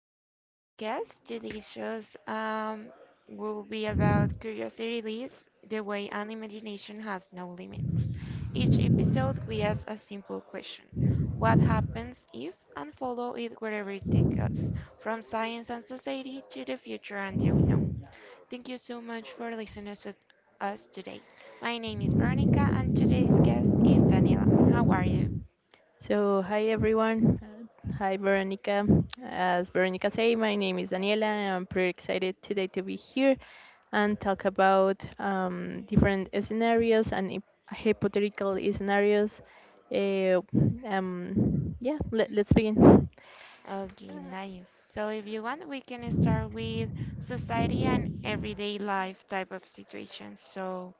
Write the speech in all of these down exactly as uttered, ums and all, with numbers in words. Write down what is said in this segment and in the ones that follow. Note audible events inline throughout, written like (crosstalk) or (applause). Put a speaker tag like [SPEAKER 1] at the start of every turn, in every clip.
[SPEAKER 1] to our podcast. Today's shows um, will be about curiosity leads the way an imagination has no limits. Each episode, we ask a simple question: what happens if? And follow it wherever it takes us, from science and society to the future and the unknown. Thank you so much for listening to us today. My name is Veronica, and today's guest is Daniela. How are you?
[SPEAKER 2] So, hi everyone. Uh, Hi Veronica. As Veronica said, my name is Daniela, and I'm pretty excited today to be here and talk about um, different scenarios and hy- hypothetical scenarios. Uh, um, yeah, let, let's begin.
[SPEAKER 1] Okay, nice. So if you want, we can start with society and everyday life type of situations. So,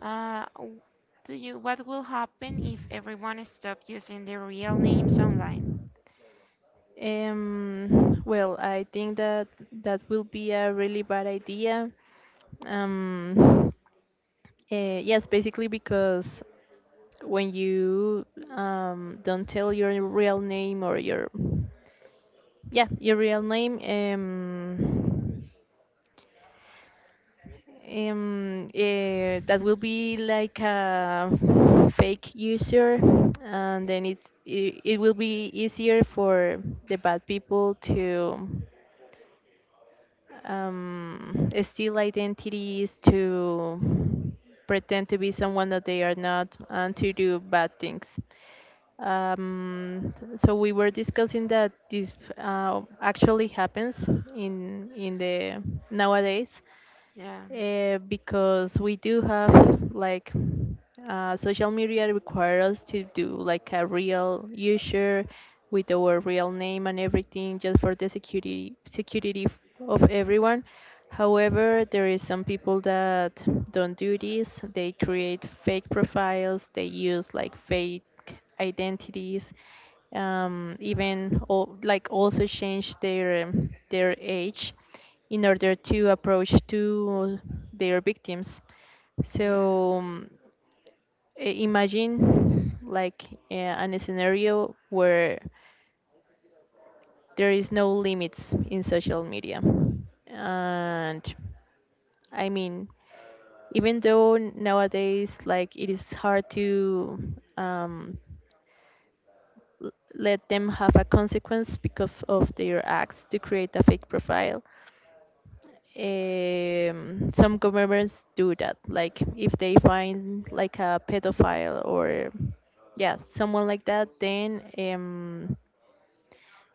[SPEAKER 1] uh, w- do you, what will happen if everyone stopped using their real names online?
[SPEAKER 2] Um, well, I think that that will be a really bad idea. Um, uh, yes, basically because when you um, don't tell your real name or your yeah your real name, um, um eh, that will be like a fake user, and then it it, it will be easier for the bad people to um, steal identities, to pretend to be someone that they are not, and to do bad things. Um, so we were discussing that this uh, actually happens in in the nowadays,
[SPEAKER 1] Yeah,
[SPEAKER 2] uh, because we do have like uh, social media require us to do like a real user with our real name and everything just for the security security f- of everyone. However, there is some people that don't do this. They create fake profiles. They use like fake identities, um, even al- like also change their um, their age in order to approach to their victims.
[SPEAKER 1] yeah,
[SPEAKER 2] So um, i- imagine like uh, an scenario where there is no limits in social media, and I mean, even though nowadays like it is hard to um, l- let them have a consequence because of their acts to create a fake profile. Um, some governments do that. Like if they find like a pedophile or yeah, someone like that, then um,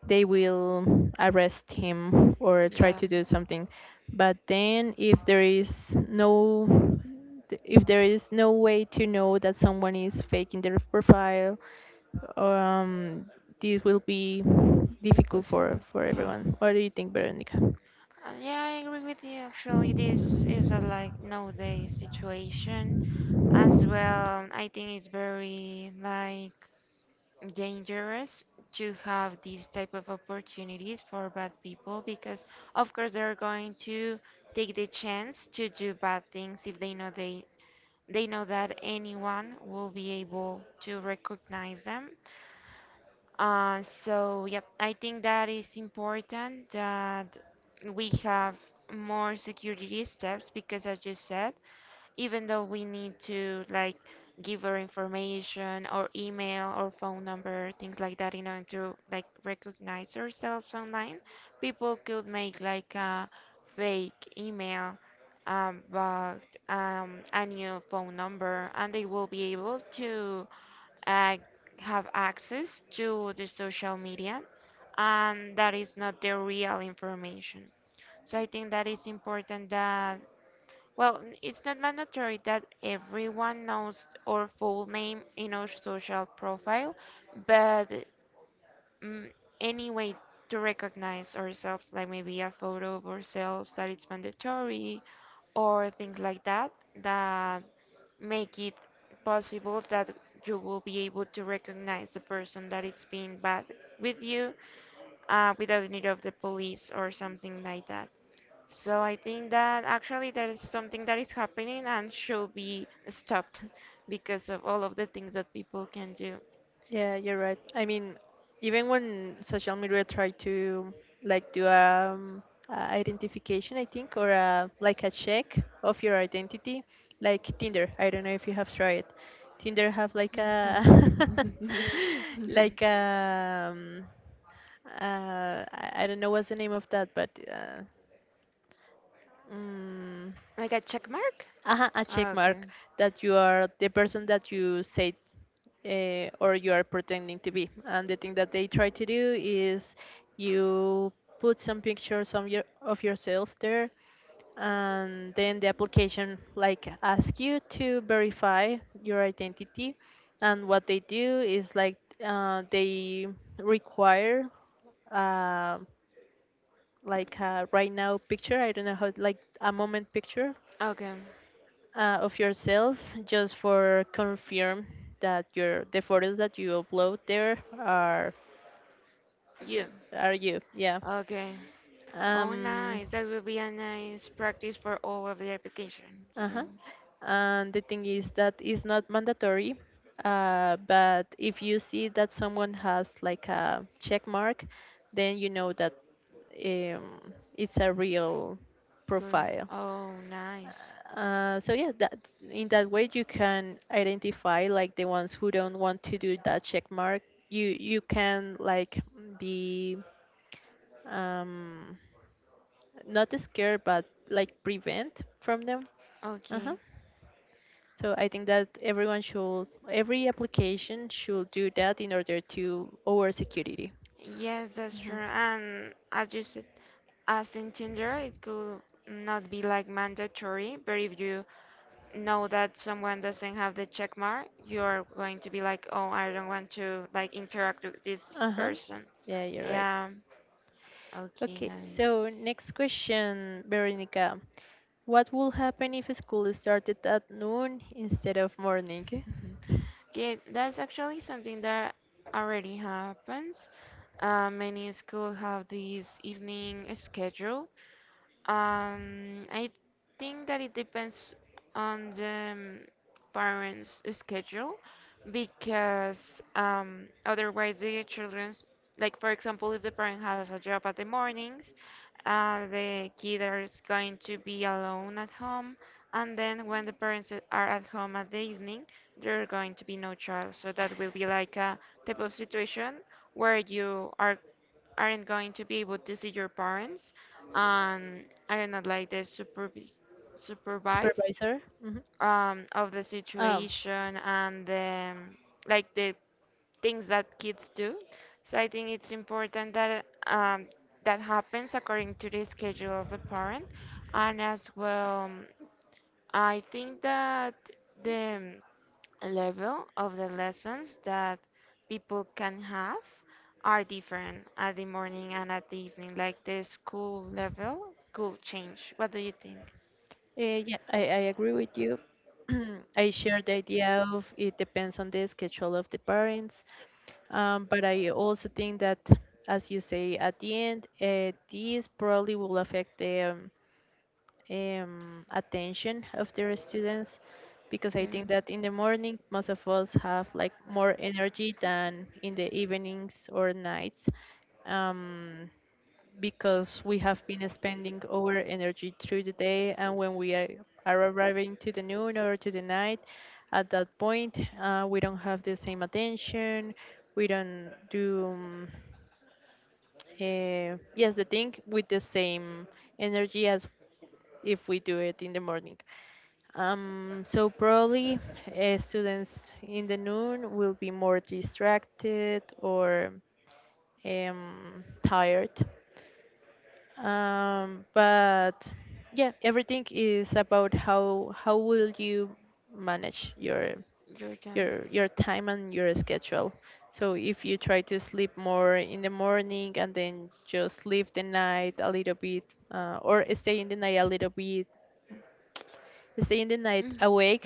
[SPEAKER 2] they will arrest him or try
[SPEAKER 1] yeah,
[SPEAKER 2] to do something. But then if there is no th- if there is no way to know that someone is faking their profile, um, this will be difficult for,
[SPEAKER 1] impossible.
[SPEAKER 2] for
[SPEAKER 1] Yeah.
[SPEAKER 2] everyone. What do you think, Veronica?
[SPEAKER 1] Uh, yeah, I agree with you. Actually, this is a like nowadays situation as well. I think it's very like dangerous to have these type of opportunities for bad people, because of course they're going to take the chance to do bad things if they know, they they know that anyone will be able to recognize them. Uh, so, yep, I think that is important that we have more security steps because, as you said, even though we need to like give our information or email or phone number, things like that, in order to like recognize ourselves online, people could make like a fake email, um, but um, a new phone number, and they will be able to uh, have access to the social media, and that is not the real information. So I think that it's important that, well, n- it's not mandatory that everyone knows our full name in our social profile, but mm, any way to recognize ourselves, like maybe a photo of ourselves that it's mandatory, or things like that, that make it possible that you will be able to recognize the person that it's being bad with you, uh, without the need of the police or something like that. So I think that actually that is something that is happening and should be stopped (laughs) because of all of the things that people can do.
[SPEAKER 2] Yeah, you're right. I mean, even when social media try to like do um, a identification, I think, or a, like a check of your identity, like Tinder. I don't know if you have tried. Tinder have like a
[SPEAKER 1] (laughs) (laughs) (laughs)
[SPEAKER 2] (laughs) like a um, uh, I I don't know what's the name of that, but uh, mm,
[SPEAKER 1] Like a check mark?
[SPEAKER 2] uh a check
[SPEAKER 1] Okay.
[SPEAKER 2] mark that you are the person that you say, uh, or you are pretending to be. And the thing that they try to do is you put some pictures of, your, of yourself there, and then the application like ask you to verify your identity. And what they do is like uh, they require uh, like a right now picture. I don't know how, like a moment picture
[SPEAKER 1] Okay.
[SPEAKER 2] uh, of yourself, just for confirm that your the photos that you upload there are
[SPEAKER 1] You.
[SPEAKER 2] are you. yeah
[SPEAKER 1] Okay. Oh,
[SPEAKER 2] um
[SPEAKER 1] nice. That will be a nice practice for all of the applications. Yeah.
[SPEAKER 2] uh-huh. And the thing is that it's not mandatory, uh, but if you see that someone has like a check mark, then you know that um, it's a real
[SPEAKER 1] For,
[SPEAKER 2] profile.
[SPEAKER 1] oh, nice.
[SPEAKER 2] Uh, so yeah, that in that way you can identify like the ones who don't want to do that check mark. You you can like be um, not scared, but like prevent from them. Uh-huh.
[SPEAKER 1] Okay.
[SPEAKER 2] So I think that everyone should, every application should do that in order to over security.
[SPEAKER 1] Yes, that's true.
[SPEAKER 2] Mhm.
[SPEAKER 1] And as you said, as in Tinder, it could not be like mandatory, but if you know that someone doesn't have the check mark, you're going to be like, oh, I don't want to like interact with this
[SPEAKER 2] Uh huh.
[SPEAKER 1] person.
[SPEAKER 2] Yeah, you're right.
[SPEAKER 1] Yeah. Okay,
[SPEAKER 2] Okay, so
[SPEAKER 1] nice.
[SPEAKER 2] next question, Veronica.
[SPEAKER 1] (laughs)
[SPEAKER 2] What will happen if school started at noon instead of morning?
[SPEAKER 1] Mhm. Okay, that's actually something that already happens. Uh, many schools have this evening schedule. Um, I think that it depends on the um, parents' schedule, because um, otherwise the children's, like for example, if the parent has a job at the mornings, uh, the kid is going to be alone at home, and then when the parents a- are at home at the evening, there are going to be no child. So that will be like a type of situation where you are aren't going to be able to see your parents, and are not like the supervis supervise
[SPEAKER 2] Supervisor? Mm-hmm.
[SPEAKER 1] um, of the
[SPEAKER 2] Um,
[SPEAKER 1] situation, and the, like the things that kids do. So I think it's important that, um, that happens according to the schedule of the parent, and as well, I think that the level of the lessons that people can have are different at the morning and at the evening. Like the school level could change. What do you think?
[SPEAKER 2] Uh, yeah, I, I agree with you. (clears throat) I share the idea of it depends on the schedule of the parents, um, but I also think that, as you say, at the end, uh, this probably will affect the um, um, attention of their students, because I
[SPEAKER 1] Your,
[SPEAKER 2] think that in the morning, most of us have like more energy than in the evenings or nights. Um, because we have been spending our energy through the day, and when we are, are arriving to the noon or to the night, at that point uh, we don't have the same attention, we don't do um, uh, yes the thing with the same energy as if we do it in the morning, um, so probably uh, students in the noon will be more distracted or um, tired, um, but yeah, everything is about how how will you manage your
[SPEAKER 1] your job.
[SPEAKER 2] your your time and your schedule. So if you try to sleep more in the morning and then just leave the night a little bit, uh, or stay in the night a little bit, stay in the night
[SPEAKER 1] Mm.
[SPEAKER 2] awake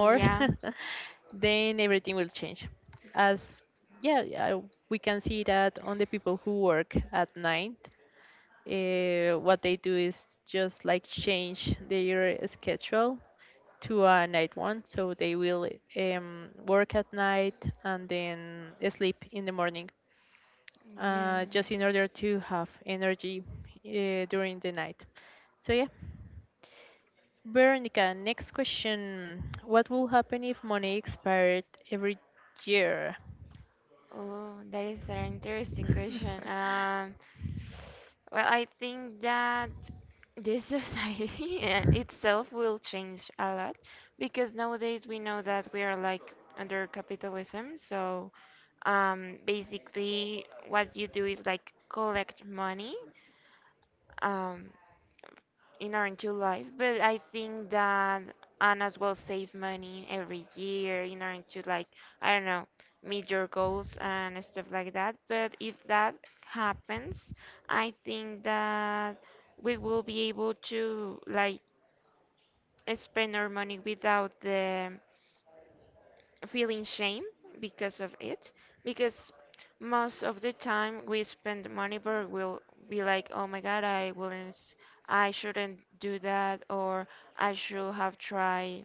[SPEAKER 1] Mm, yeah.
[SPEAKER 2] (laughs) then everything will change. As yeah, yeah We can see that on the people who work at night. Uh, what they do is just like change their schedule to a night one, so they will um, work at night and then sleep in the morning, uh, just in order to have energy
[SPEAKER 1] Yeah.
[SPEAKER 2] uh, during the night. So yeah, Veronica, next question: what will happen if money expired every year?
[SPEAKER 1] Oh, that is an interesting question.
[SPEAKER 2] (laughs)
[SPEAKER 1] Um, well, I think that this society (laughs) itself will change a lot, because nowadays we know that we are like under capitalism. So, um, basically, what you do is like collect money. Um, in Orange Life, but I think that, and as well, save money every year in order to like, I don't know, meet your goals and stuff like that. But if that happens, I think that we will be able to like spend our money without the feeling shame because of it, because most of the time we spend money but we'll be like, oh my god, I wouldn't s- I shouldn't do that, or I should have tried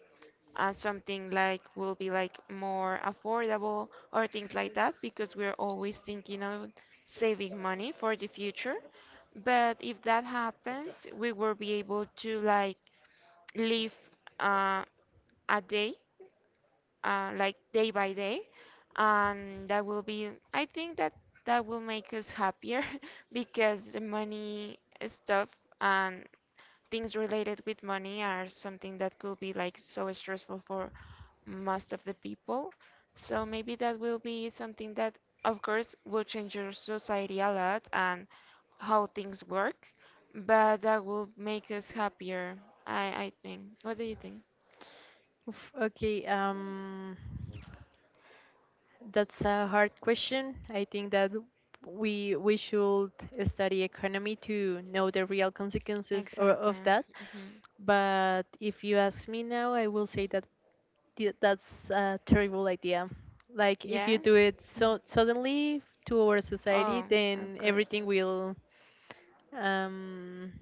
[SPEAKER 1] uh, something like will be like more affordable, or things like that, because we're always thinking of saving money for the future. But if that happens we will be able to like live, uh, a day, uh, like day by day, and that will be, I think, that that will make us happier (laughs) because the money stuff and things related with money are something that could be like so stressful for most of the people. So maybe that will be something that, of course, will change your society a lot and how things work, but that will make us happier. I I think. What do you think?
[SPEAKER 2] Oof, okay, um. that's a hard question. I think that we we should study economy to know the real consequences or of that.
[SPEAKER 1] Hmm.
[SPEAKER 2] But if you ask me now, I will say that th- that's a terrible idea. Like if you do it so suddenly to our society, then everything will um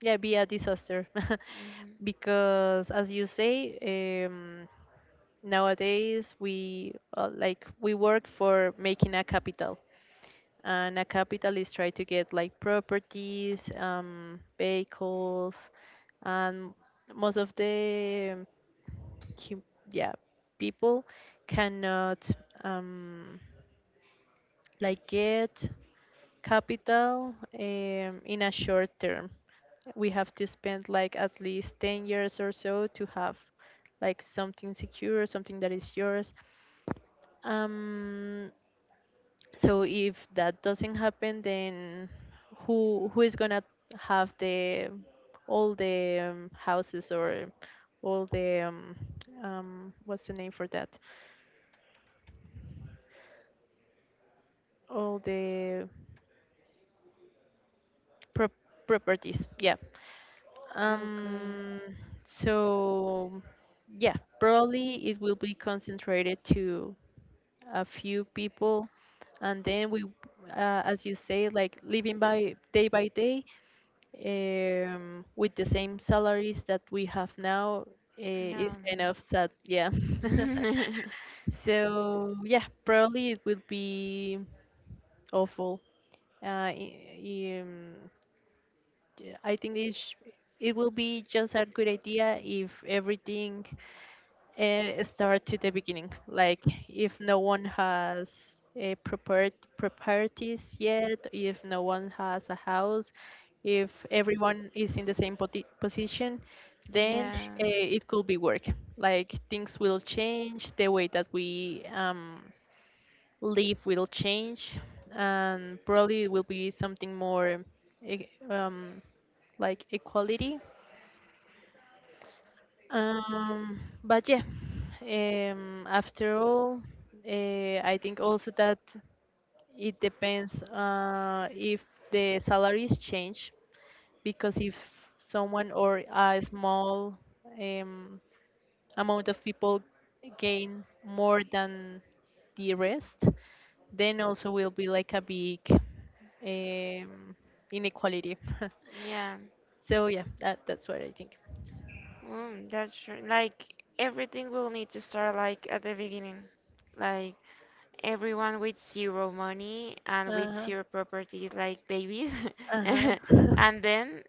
[SPEAKER 2] yeah be a disaster. (laughs)
[SPEAKER 1] Hmm.
[SPEAKER 2] Because as you say, um nowadays we uh, like we work for making a capital, and a capital is try to get like properties, um vehicles, and most of the hu- yeah people cannot um like get capital um, in a short term. We have to spend like at least 10 years or so to have like something secure, something that is yours. Um, so if that doesn't happen, then who who is gonna have the all the um, houses, or all the um, um, what's the name for that? All the pro properties. Yeah. Um, so yeah, probably it will be concentrated to a few people, and then we, uh, as you say, like living by day by day um, with the same salaries that we have now, eh, is kind of sad. Yeah. (laughs)
[SPEAKER 1] (laughs)
[SPEAKER 2] So yeah, probably it will be awful. Uh, i- um, yeah, I think it sh- it will be just a good idea if everything and start to the beginning. Like if no one has a prepared properties yet, if no one has a house, if everyone is in the same poti- position,
[SPEAKER 1] Then
[SPEAKER 2] then
[SPEAKER 1] yeah.
[SPEAKER 2] uh, it could be work. Like things will change, the way that we um, live will change, and probably it will be something more e- um, like equality, um, but yeah, um, after all, uh, I think also that it depends, uh, if the salaries change, because if someone or a small um, amount of people gain more than the rest, then also will be like a big um, inequality. (laughs)
[SPEAKER 1] (laughs) Yeah.
[SPEAKER 2] So yeah, that, that's what I think.
[SPEAKER 1] Mm, that's true. Like everything will need to start like at the beginning. Like everyone with zero money and with
[SPEAKER 2] Uh
[SPEAKER 1] zero properties, like babies,
[SPEAKER 2] huh.
[SPEAKER 1] (laughs)
[SPEAKER 2] Uh huh. (laughs)
[SPEAKER 1] and then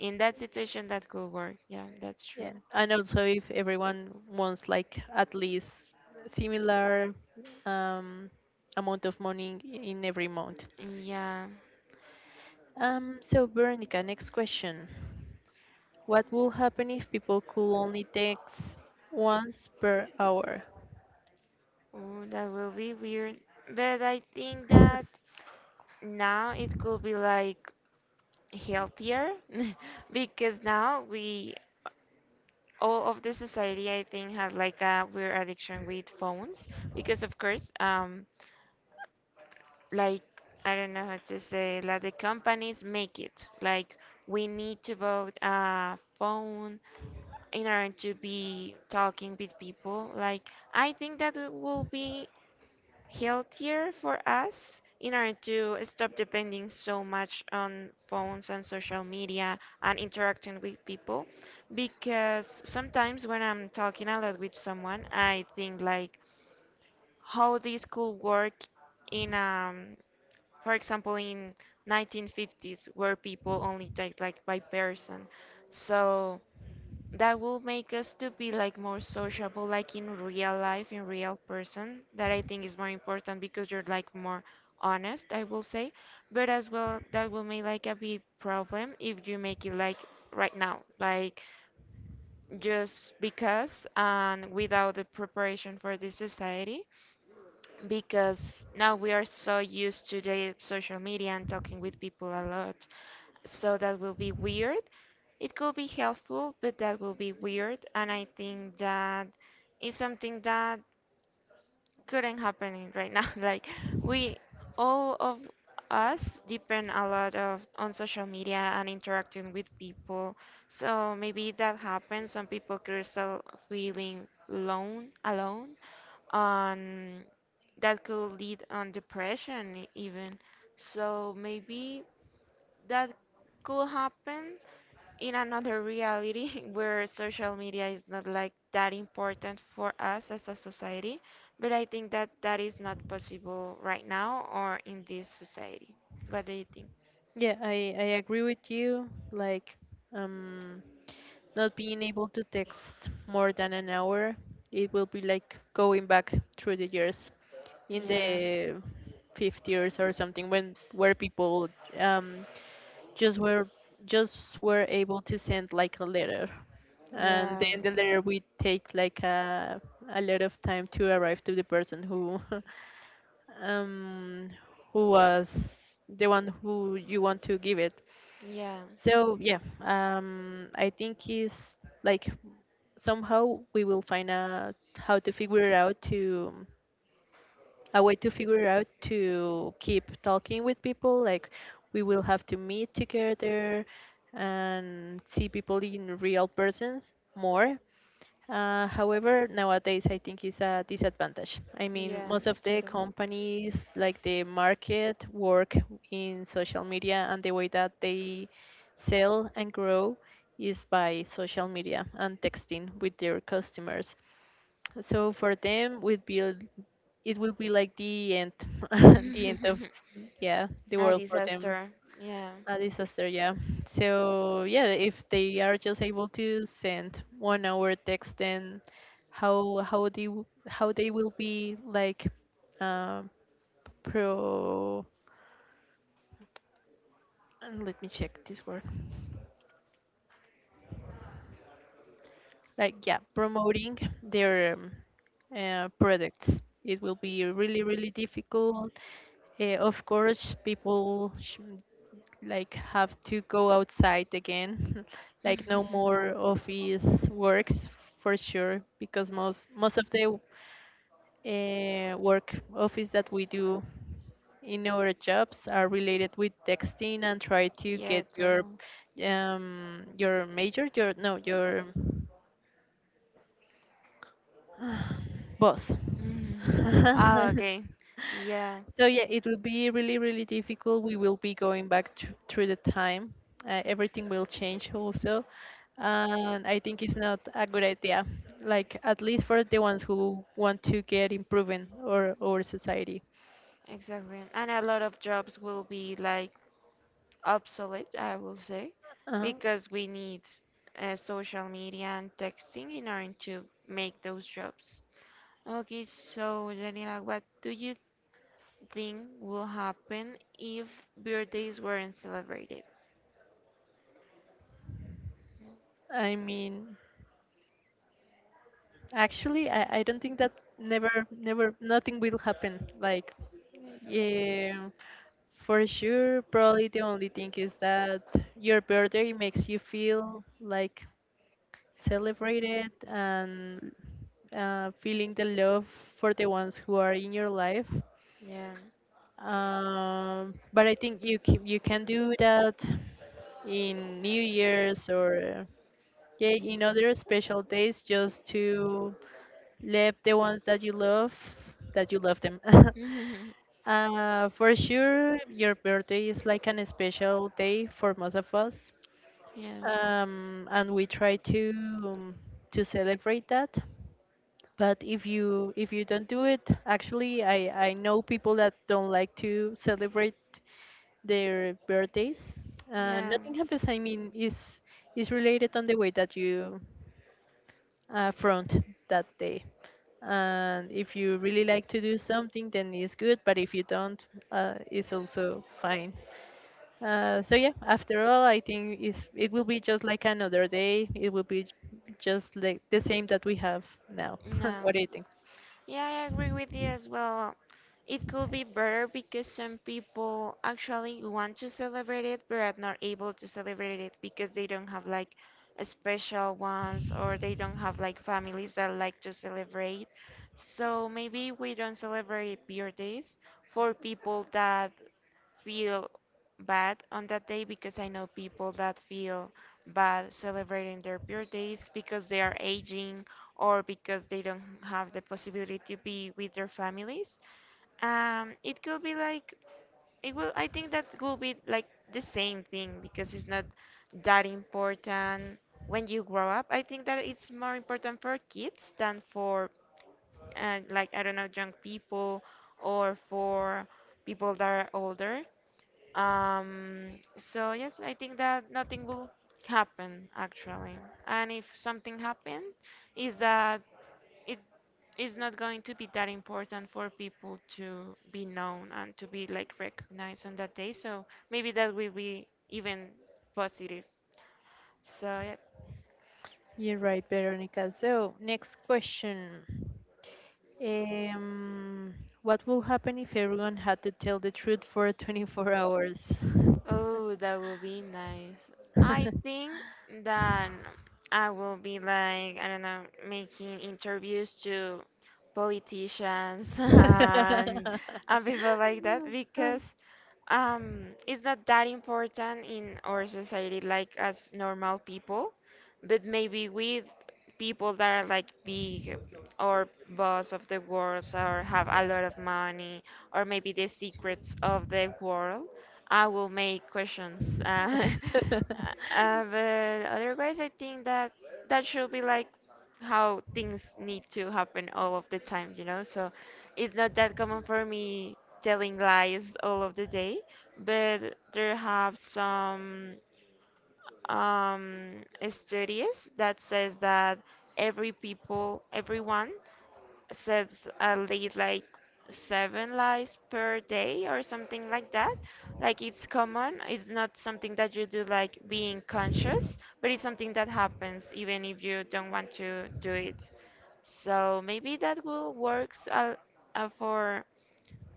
[SPEAKER 1] in that situation that could work, yeah, that's true.
[SPEAKER 2] Yeah, and also if everyone wants like at least similar um, amount of money in every month.
[SPEAKER 1] Yeah.
[SPEAKER 2] Um, so Veronica, next question. What will happen if people could only text once per hour?
[SPEAKER 1] Oh, that will be weird, but I think that
[SPEAKER 2] (laughs)
[SPEAKER 1] now it could be like healthier (laughs) because now we, all of the society I think, has like a weird addiction with phones, because of course, um like, I don't know how to say, like the companies make it like we need to vote a phone in order to be talking with people. Like, I think that it will be healthier for us in order to stop depending so much on phones and social media and interacting with people, because sometimes when I'm talking a lot with someone I think like, how this could work in, um for example, in nineteen fifties, where people only date like by person. So that will make us to be like more sociable, like in real life, in real person. That I think is more important because you're like more honest, I will say. But as well, that will make like a big problem if you make it like right now, like just because, and without the preparation for this society, because now we are so used to the social media and talking with people a lot. So that will be weird. It could be helpful, but that will be weird. And I think that is something that couldn't happen in right now. (laughs) Like we all of us depend a lot of on social media and interacting with people. So maybe that happens. Some people could start feeling alone, alone on, that could lead on depression, e-, even. So maybe that could happen in another reality (laughs) where social media is not like that important for us as a society, but I think that that is not possible right now or in this society. What do you think?
[SPEAKER 2] Yeah, I, I agree with you. Like, um, not being able to text more than an hour, it will be like going back through the years, in
[SPEAKER 1] Yeah,
[SPEAKER 2] the fifties or something when where people um, just were just were able to send like a letter, and
[SPEAKER 1] yeah,
[SPEAKER 2] then the letter would take like a, a lot of time to arrive to the person who (laughs) um, who was the one who you want to give it.
[SPEAKER 1] yeah.
[SPEAKER 2] So yeah, um, I think is like somehow we will find out how to figure out to a way to figure out to keep talking with people. Like we will have to meet together and see people in real persons more. Uh, however, nowadays I think it's a disadvantage. I mean, most of the companies, like the
[SPEAKER 1] (laughs)
[SPEAKER 2] market, work in social media, and the way that they sell and grow is by social media and texting with their customers. So for them, would be it will be like the end
[SPEAKER 1] A
[SPEAKER 2] (laughs) the end of yeah the world for them,
[SPEAKER 1] disaster. Yeah.
[SPEAKER 2] a disaster.
[SPEAKER 1] (laughs) A
[SPEAKER 2] Yeah, so yeah, if they are just able to send one hour text, then how how they w- how they will be like uh, pro and let me check this word, like yeah promoting their um, uh, products, it will be really really difficult. Uh, of course people sh- like have to go outside again (laughs) like no more
[SPEAKER 1] (laughs)
[SPEAKER 2] office works for sure, because most most of the uh, work office that we do in our jobs are related with texting and try to
[SPEAKER 1] Yeah,
[SPEAKER 2] get your
[SPEAKER 1] totally.
[SPEAKER 2] um your major your no your Both.
[SPEAKER 1] Hmm. (laughs) Oh,
[SPEAKER 2] (laughs)
[SPEAKER 1] okay. Yeah,
[SPEAKER 2] So yeah, it will be really, really difficult. We will be going back thr- through the time. Uh, everything will change also, and I think it's not a good idea. Like at least for the ones who want to get improving or our society.
[SPEAKER 1] exactly. And a lot of jobs will be like obsolete, I will say,
[SPEAKER 2] Uh,
[SPEAKER 1] because we need uh, social media and texting in order to make those jobs. Okay, so Daniela, what do you thing would happen if birthdays weren't celebrated.
[SPEAKER 2] I mean, actually, I, I don't think that never, never, nothing will happen. Like, yeah, for sure, probably the only thing is that your birthday makes you feel like celebrated and uh, feeling the love for the ones who are in your life.
[SPEAKER 1] Yeah.
[SPEAKER 2] Um, but I think you c- you can do that in New Year's, or yeah, you know, there are special days just to let the ones that you love, that you love them. (laughs) Uh, for sure, your birthday is like an special day for most of us,
[SPEAKER 1] (laughs) yeah. um,
[SPEAKER 2] um, and we try to um, to celebrate that. But if you if you don't do it. Actually, I I know people that don't like to celebrate their birthdays.
[SPEAKER 1] Um,
[SPEAKER 2] Uh,
[SPEAKER 1] Yeah.
[SPEAKER 2] nothing happens. I mean, is is related on the way that you uh, front that day. And if you really like to do something, then it's good. But if you don't, uh, it's also fine. Uh, so yeah, after all, I think it's, it will be just like another day. It will be j- Just like the same that we have now. (laughs)
[SPEAKER 1] No.
[SPEAKER 2] What do you think?
[SPEAKER 1] Yeah, I agree with you as well. It could be better because some people actually want to celebrate it but are not able to celebrate it because they don't have like a special ones, or they don't have like families that like to celebrate. So maybe we don't celebrate birthdays for people that feel bad on that day, because I know people that feel bad celebrating their birthdays because they are aging, or because they don't have the possibility to be with their families. Um, it could be like, it will, I think, that will be like the same thing because it's not that important when you grow up. I think that it's more important for kids than for uh, like, I don't know, young people, or for people that are older. Um, so yes, I think that nothing will happen actually, and if something happens is that it is not going to be that important for people to be known and to be like recognized on that day. So maybe that will be even positive. So yeah.
[SPEAKER 2] You're right, Veronica. So next question. Um, what will happen if everyone had to tell the truth for twenty-four hours?
[SPEAKER 1] Oh, that would be nice. I think
[SPEAKER 2] (laughs)
[SPEAKER 1] that I will be like, I don't know, making interviews to politicians (laughs) and and people like that because um, it's not that important in our society, like as normal people, but maybe with people that are like big or boss of the world or have a lot of money, or maybe the secrets of the world, I will make questions. Uh, (laughs) uh, but otherwise, I think that that should be like how things need to happen all of the time, you know? So it's not that common for me telling lies all of the day, but there have some um, studies that says that every people, everyone says at least like seven lies per day or something like that. Like it's common, it's not something that you do like being conscious, but it's something that happens even if you don't want to do it. So maybe that will works uh, uh, for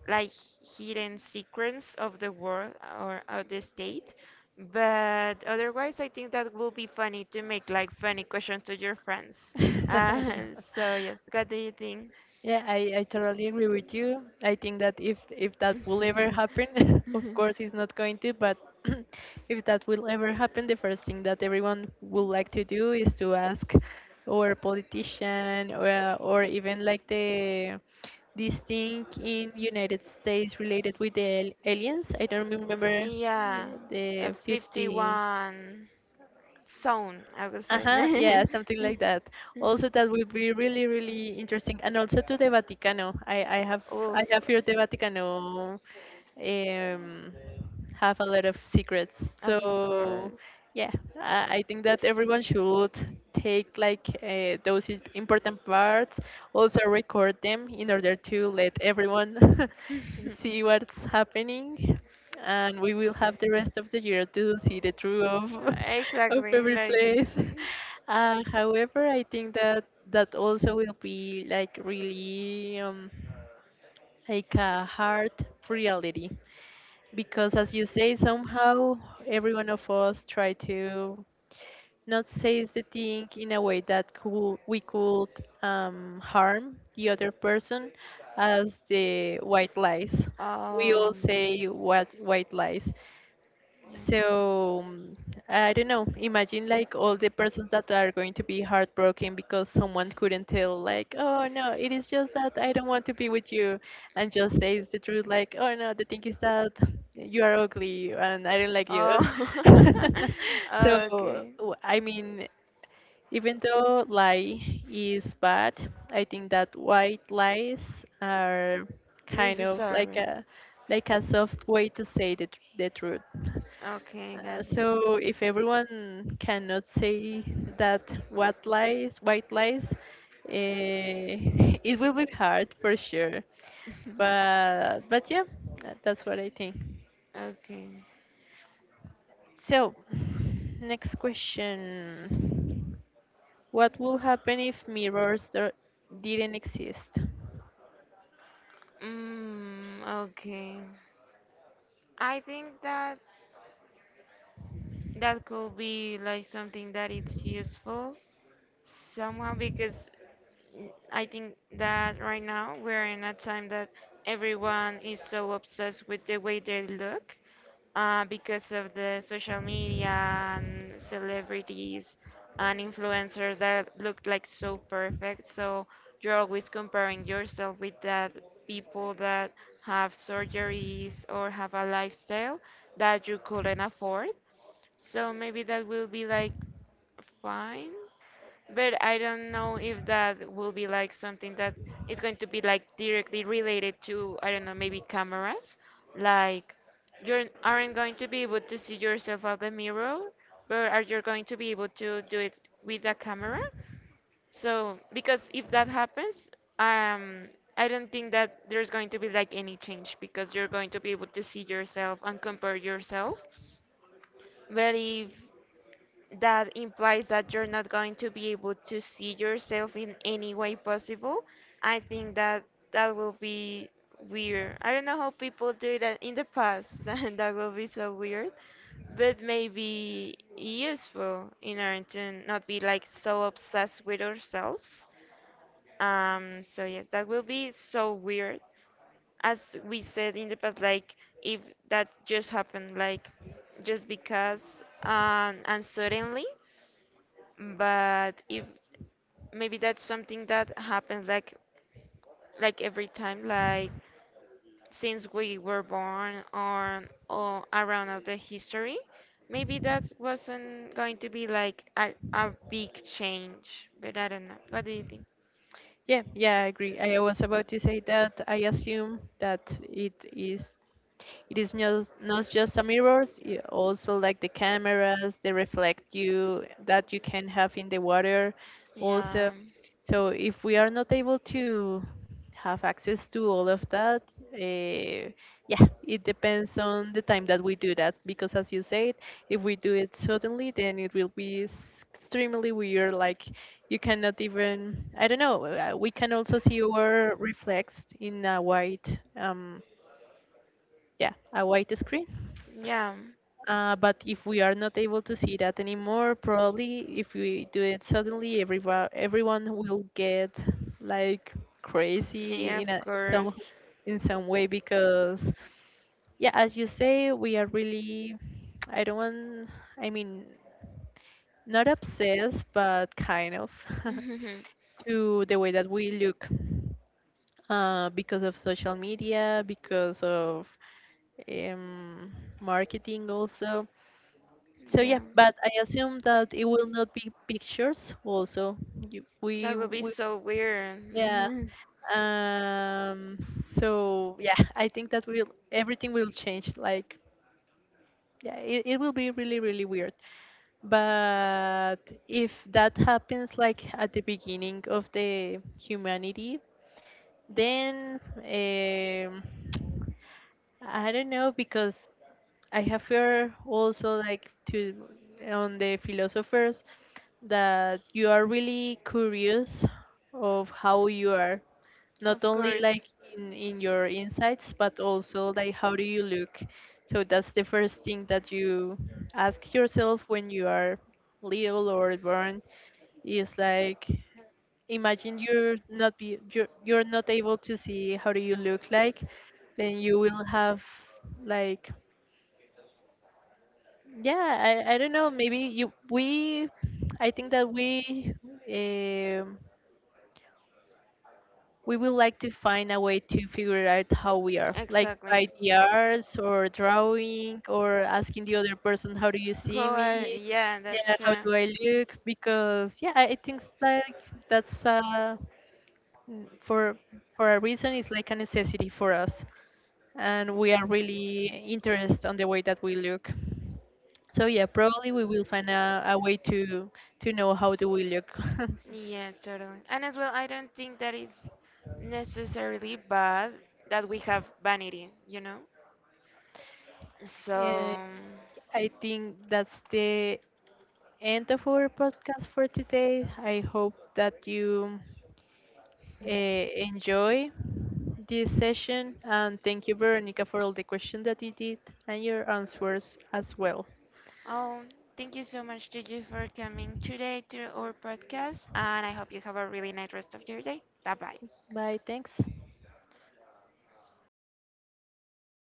[SPEAKER 1] like hidden secrets of the world or of the state. But otherwise, I think that will be funny to make like funny questions to your friends.
[SPEAKER 2] Mm.
[SPEAKER 1] Uh, (laughs) so yes, what do you think?
[SPEAKER 2] Yeah, I, I totally agree with you. I think that if if that will ever happen, (laughs) of course it's not going to, but (clears throat) if that will ever happen, the first thing that everyone would like to do is to ask our
[SPEAKER 1] (laughs)
[SPEAKER 2] politician, or uh, or even like the this thing in United States related with the al- aliens. I don't remember, uh,
[SPEAKER 1] Yeah, a
[SPEAKER 2] the fifty.
[SPEAKER 1] fifty-one zone, I would say. (laughs)
[SPEAKER 2] Uh-huh,
[SPEAKER 1] uh
[SPEAKER 2] yeah, something like that. Also, that will be really, really interesting. And also to the Vaticano. I, I have
[SPEAKER 1] Oof,
[SPEAKER 2] I have heard the Vaticano um, have a lot of secrets. So
[SPEAKER 1] course.
[SPEAKER 2] yeah, I I think that everyone should take like uh, those is- important parts, also record them in order to let everyone (laughs) see what's happening, and we will have the rest of the year to see the truth of (laughs) of
[SPEAKER 1] Exactly,
[SPEAKER 2] every
[SPEAKER 1] like,
[SPEAKER 2] place. (laughs) Uh, however, I think that that also will be like really um, like a hard reality, because as you say, somehow every one of us try to not says the thing in a way that could, we could um, harm the other person as the white lies. We all
[SPEAKER 1] um,
[SPEAKER 2] say what white lies. So um, I don't know. Imagine like all the persons that are going to be heartbroken because someone couldn't tell like, oh no, it is just that I don't want to be with you, and just says the truth like, oh no, the thing is that you are ugly and I don't like you. (laughs)
[SPEAKER 1] (laughs) (laughs) So
[SPEAKER 2] So,
[SPEAKER 1] okay.
[SPEAKER 2] w- I mean, even though lie is bad, I think that white lies are kind of like a like a soft way to say the, tr- the truth.
[SPEAKER 1] Okay,
[SPEAKER 2] Uh,
[SPEAKER 1] got
[SPEAKER 2] so if everyone cannot say that what lies white lies, eh, (laughs) it will be hard for sure.
[SPEAKER 1] (laughs)
[SPEAKER 2] But but yeah, uh, that's what I think.
[SPEAKER 1] (laughs) Okay.
[SPEAKER 2] So next question. What would happen if mirrors there didn't exist?
[SPEAKER 1] Mm, okay. I think that that could be like something that it's useful somehow, because I think that right now we're in a time that everyone is so obsessed with the way they look, uh, because of the social media and celebrities and influencers that look like so perfect. So you're always comparing yourself with that people that have surgeries or have a lifestyle that you couldn't afford. So maybe that will be like fine, but I don't know if that will be like something that is going to be like directly related to, I don't know, maybe cameras. Like, you aren't going to be able to see yourself out the mirror, but are you going to be able to do it with a camera? So, because if that happens, um, I don't think that there's going to be like any change, because you're going to be able to see yourself and compare yourself. But if that implies that you're not going to be able to see yourself in any way possible, I think that that will be weird. I don't know how people do that in the past, (laughs) that that will be so weird, but maybe useful in order to not be like so obsessed with ourselves. Um, so yes, that will be so weird. As we said in the past, like if that just happened, like just because, um, and suddenly, but if maybe that's something that happens like like every time, like since we were born on or around of the history, maybe that wasn't going to be like a, a big change, but I don't know, what do you think?
[SPEAKER 2] Yeah, yeah, I agree. I was about to say that I assume that it is it is not, not just a mirrors, i- also like the cameras, they reflect you that you can have in the water also.
[SPEAKER 1] Yeah,
[SPEAKER 2] So if we are not able to have access to all of that, uh, yeah, it depends on the time that we do that because, as you said, if we do it suddenly, then it will be s- extremely weird. Like you cannot even, I don't know, uh, we can also see our reflex in a white um, yeah, a white screen.
[SPEAKER 1] yeah,
[SPEAKER 2] Uh, but if we are not able to see that anymore, probably if we do it suddenly, everyone everyone will get like
[SPEAKER 1] yeah,
[SPEAKER 2] crazy
[SPEAKER 1] of
[SPEAKER 2] in a some
[SPEAKER 1] course.
[SPEAKER 2] in some way because yeah, as you say, we are really I don't want I mean, not obsessed, but kind of
[SPEAKER 1] (laughs)
[SPEAKER 2] (laughs) to the way that we look, uh, because of social media, because of um, marketing also. So
[SPEAKER 1] Yeah,
[SPEAKER 2] yeah, but I assume that it will not be pictures also. You, we,
[SPEAKER 1] that would be
[SPEAKER 2] we
[SPEAKER 1] so weird.
[SPEAKER 2] yeah.
[SPEAKER 1] Mhm. (laughs)
[SPEAKER 2] Um, so yeah, I think that will everything will change. Like yeah, it, it will be really really weird. But if that happens like at the beginning of the humanity, then um, I don't know, because I have heard also like to on the philosophers that you are really curious of how you are, not
[SPEAKER 1] Of
[SPEAKER 2] only like
[SPEAKER 1] course.
[SPEAKER 2] in, in your insights, but also like how do you look. So that's the first thing that you ask yourself when you are little or born, is like, imagine you're not be you're, you're not able to see how do you look like, then you will have like yeah, i, I don't know, maybe you we, I think that we um, we will like to find a way to figure out how we are like, by the arts or drawing, or asking the other person, how do you see
[SPEAKER 1] Oh, uh,
[SPEAKER 2] me,
[SPEAKER 1] yeah, that's
[SPEAKER 2] yeah, how
[SPEAKER 1] true.
[SPEAKER 2] do I look? Because yeah, i I think like that's uh, mm, for for a reason it's like a necessity for us, and we are really interested on the way that we look. So yeah, probably we will find a, a way to to know how do we look. (laughs)
[SPEAKER 1] Yeah, totally. And as well, I don't think that is necessarily bad that we have vanity, you know?
[SPEAKER 2] Uh,
[SPEAKER 1] So.
[SPEAKER 2] I think that's the end of our podcast for today. I hope that you uh, enjoy this session, and thank you, Veronica, for all the questions that you did and your answers as well.
[SPEAKER 1] Oh, thank you so much, Gigi, for coming today to our podcast, and I hope you have a really nice rest of your day. Bye bye.
[SPEAKER 2] Bye, thanks.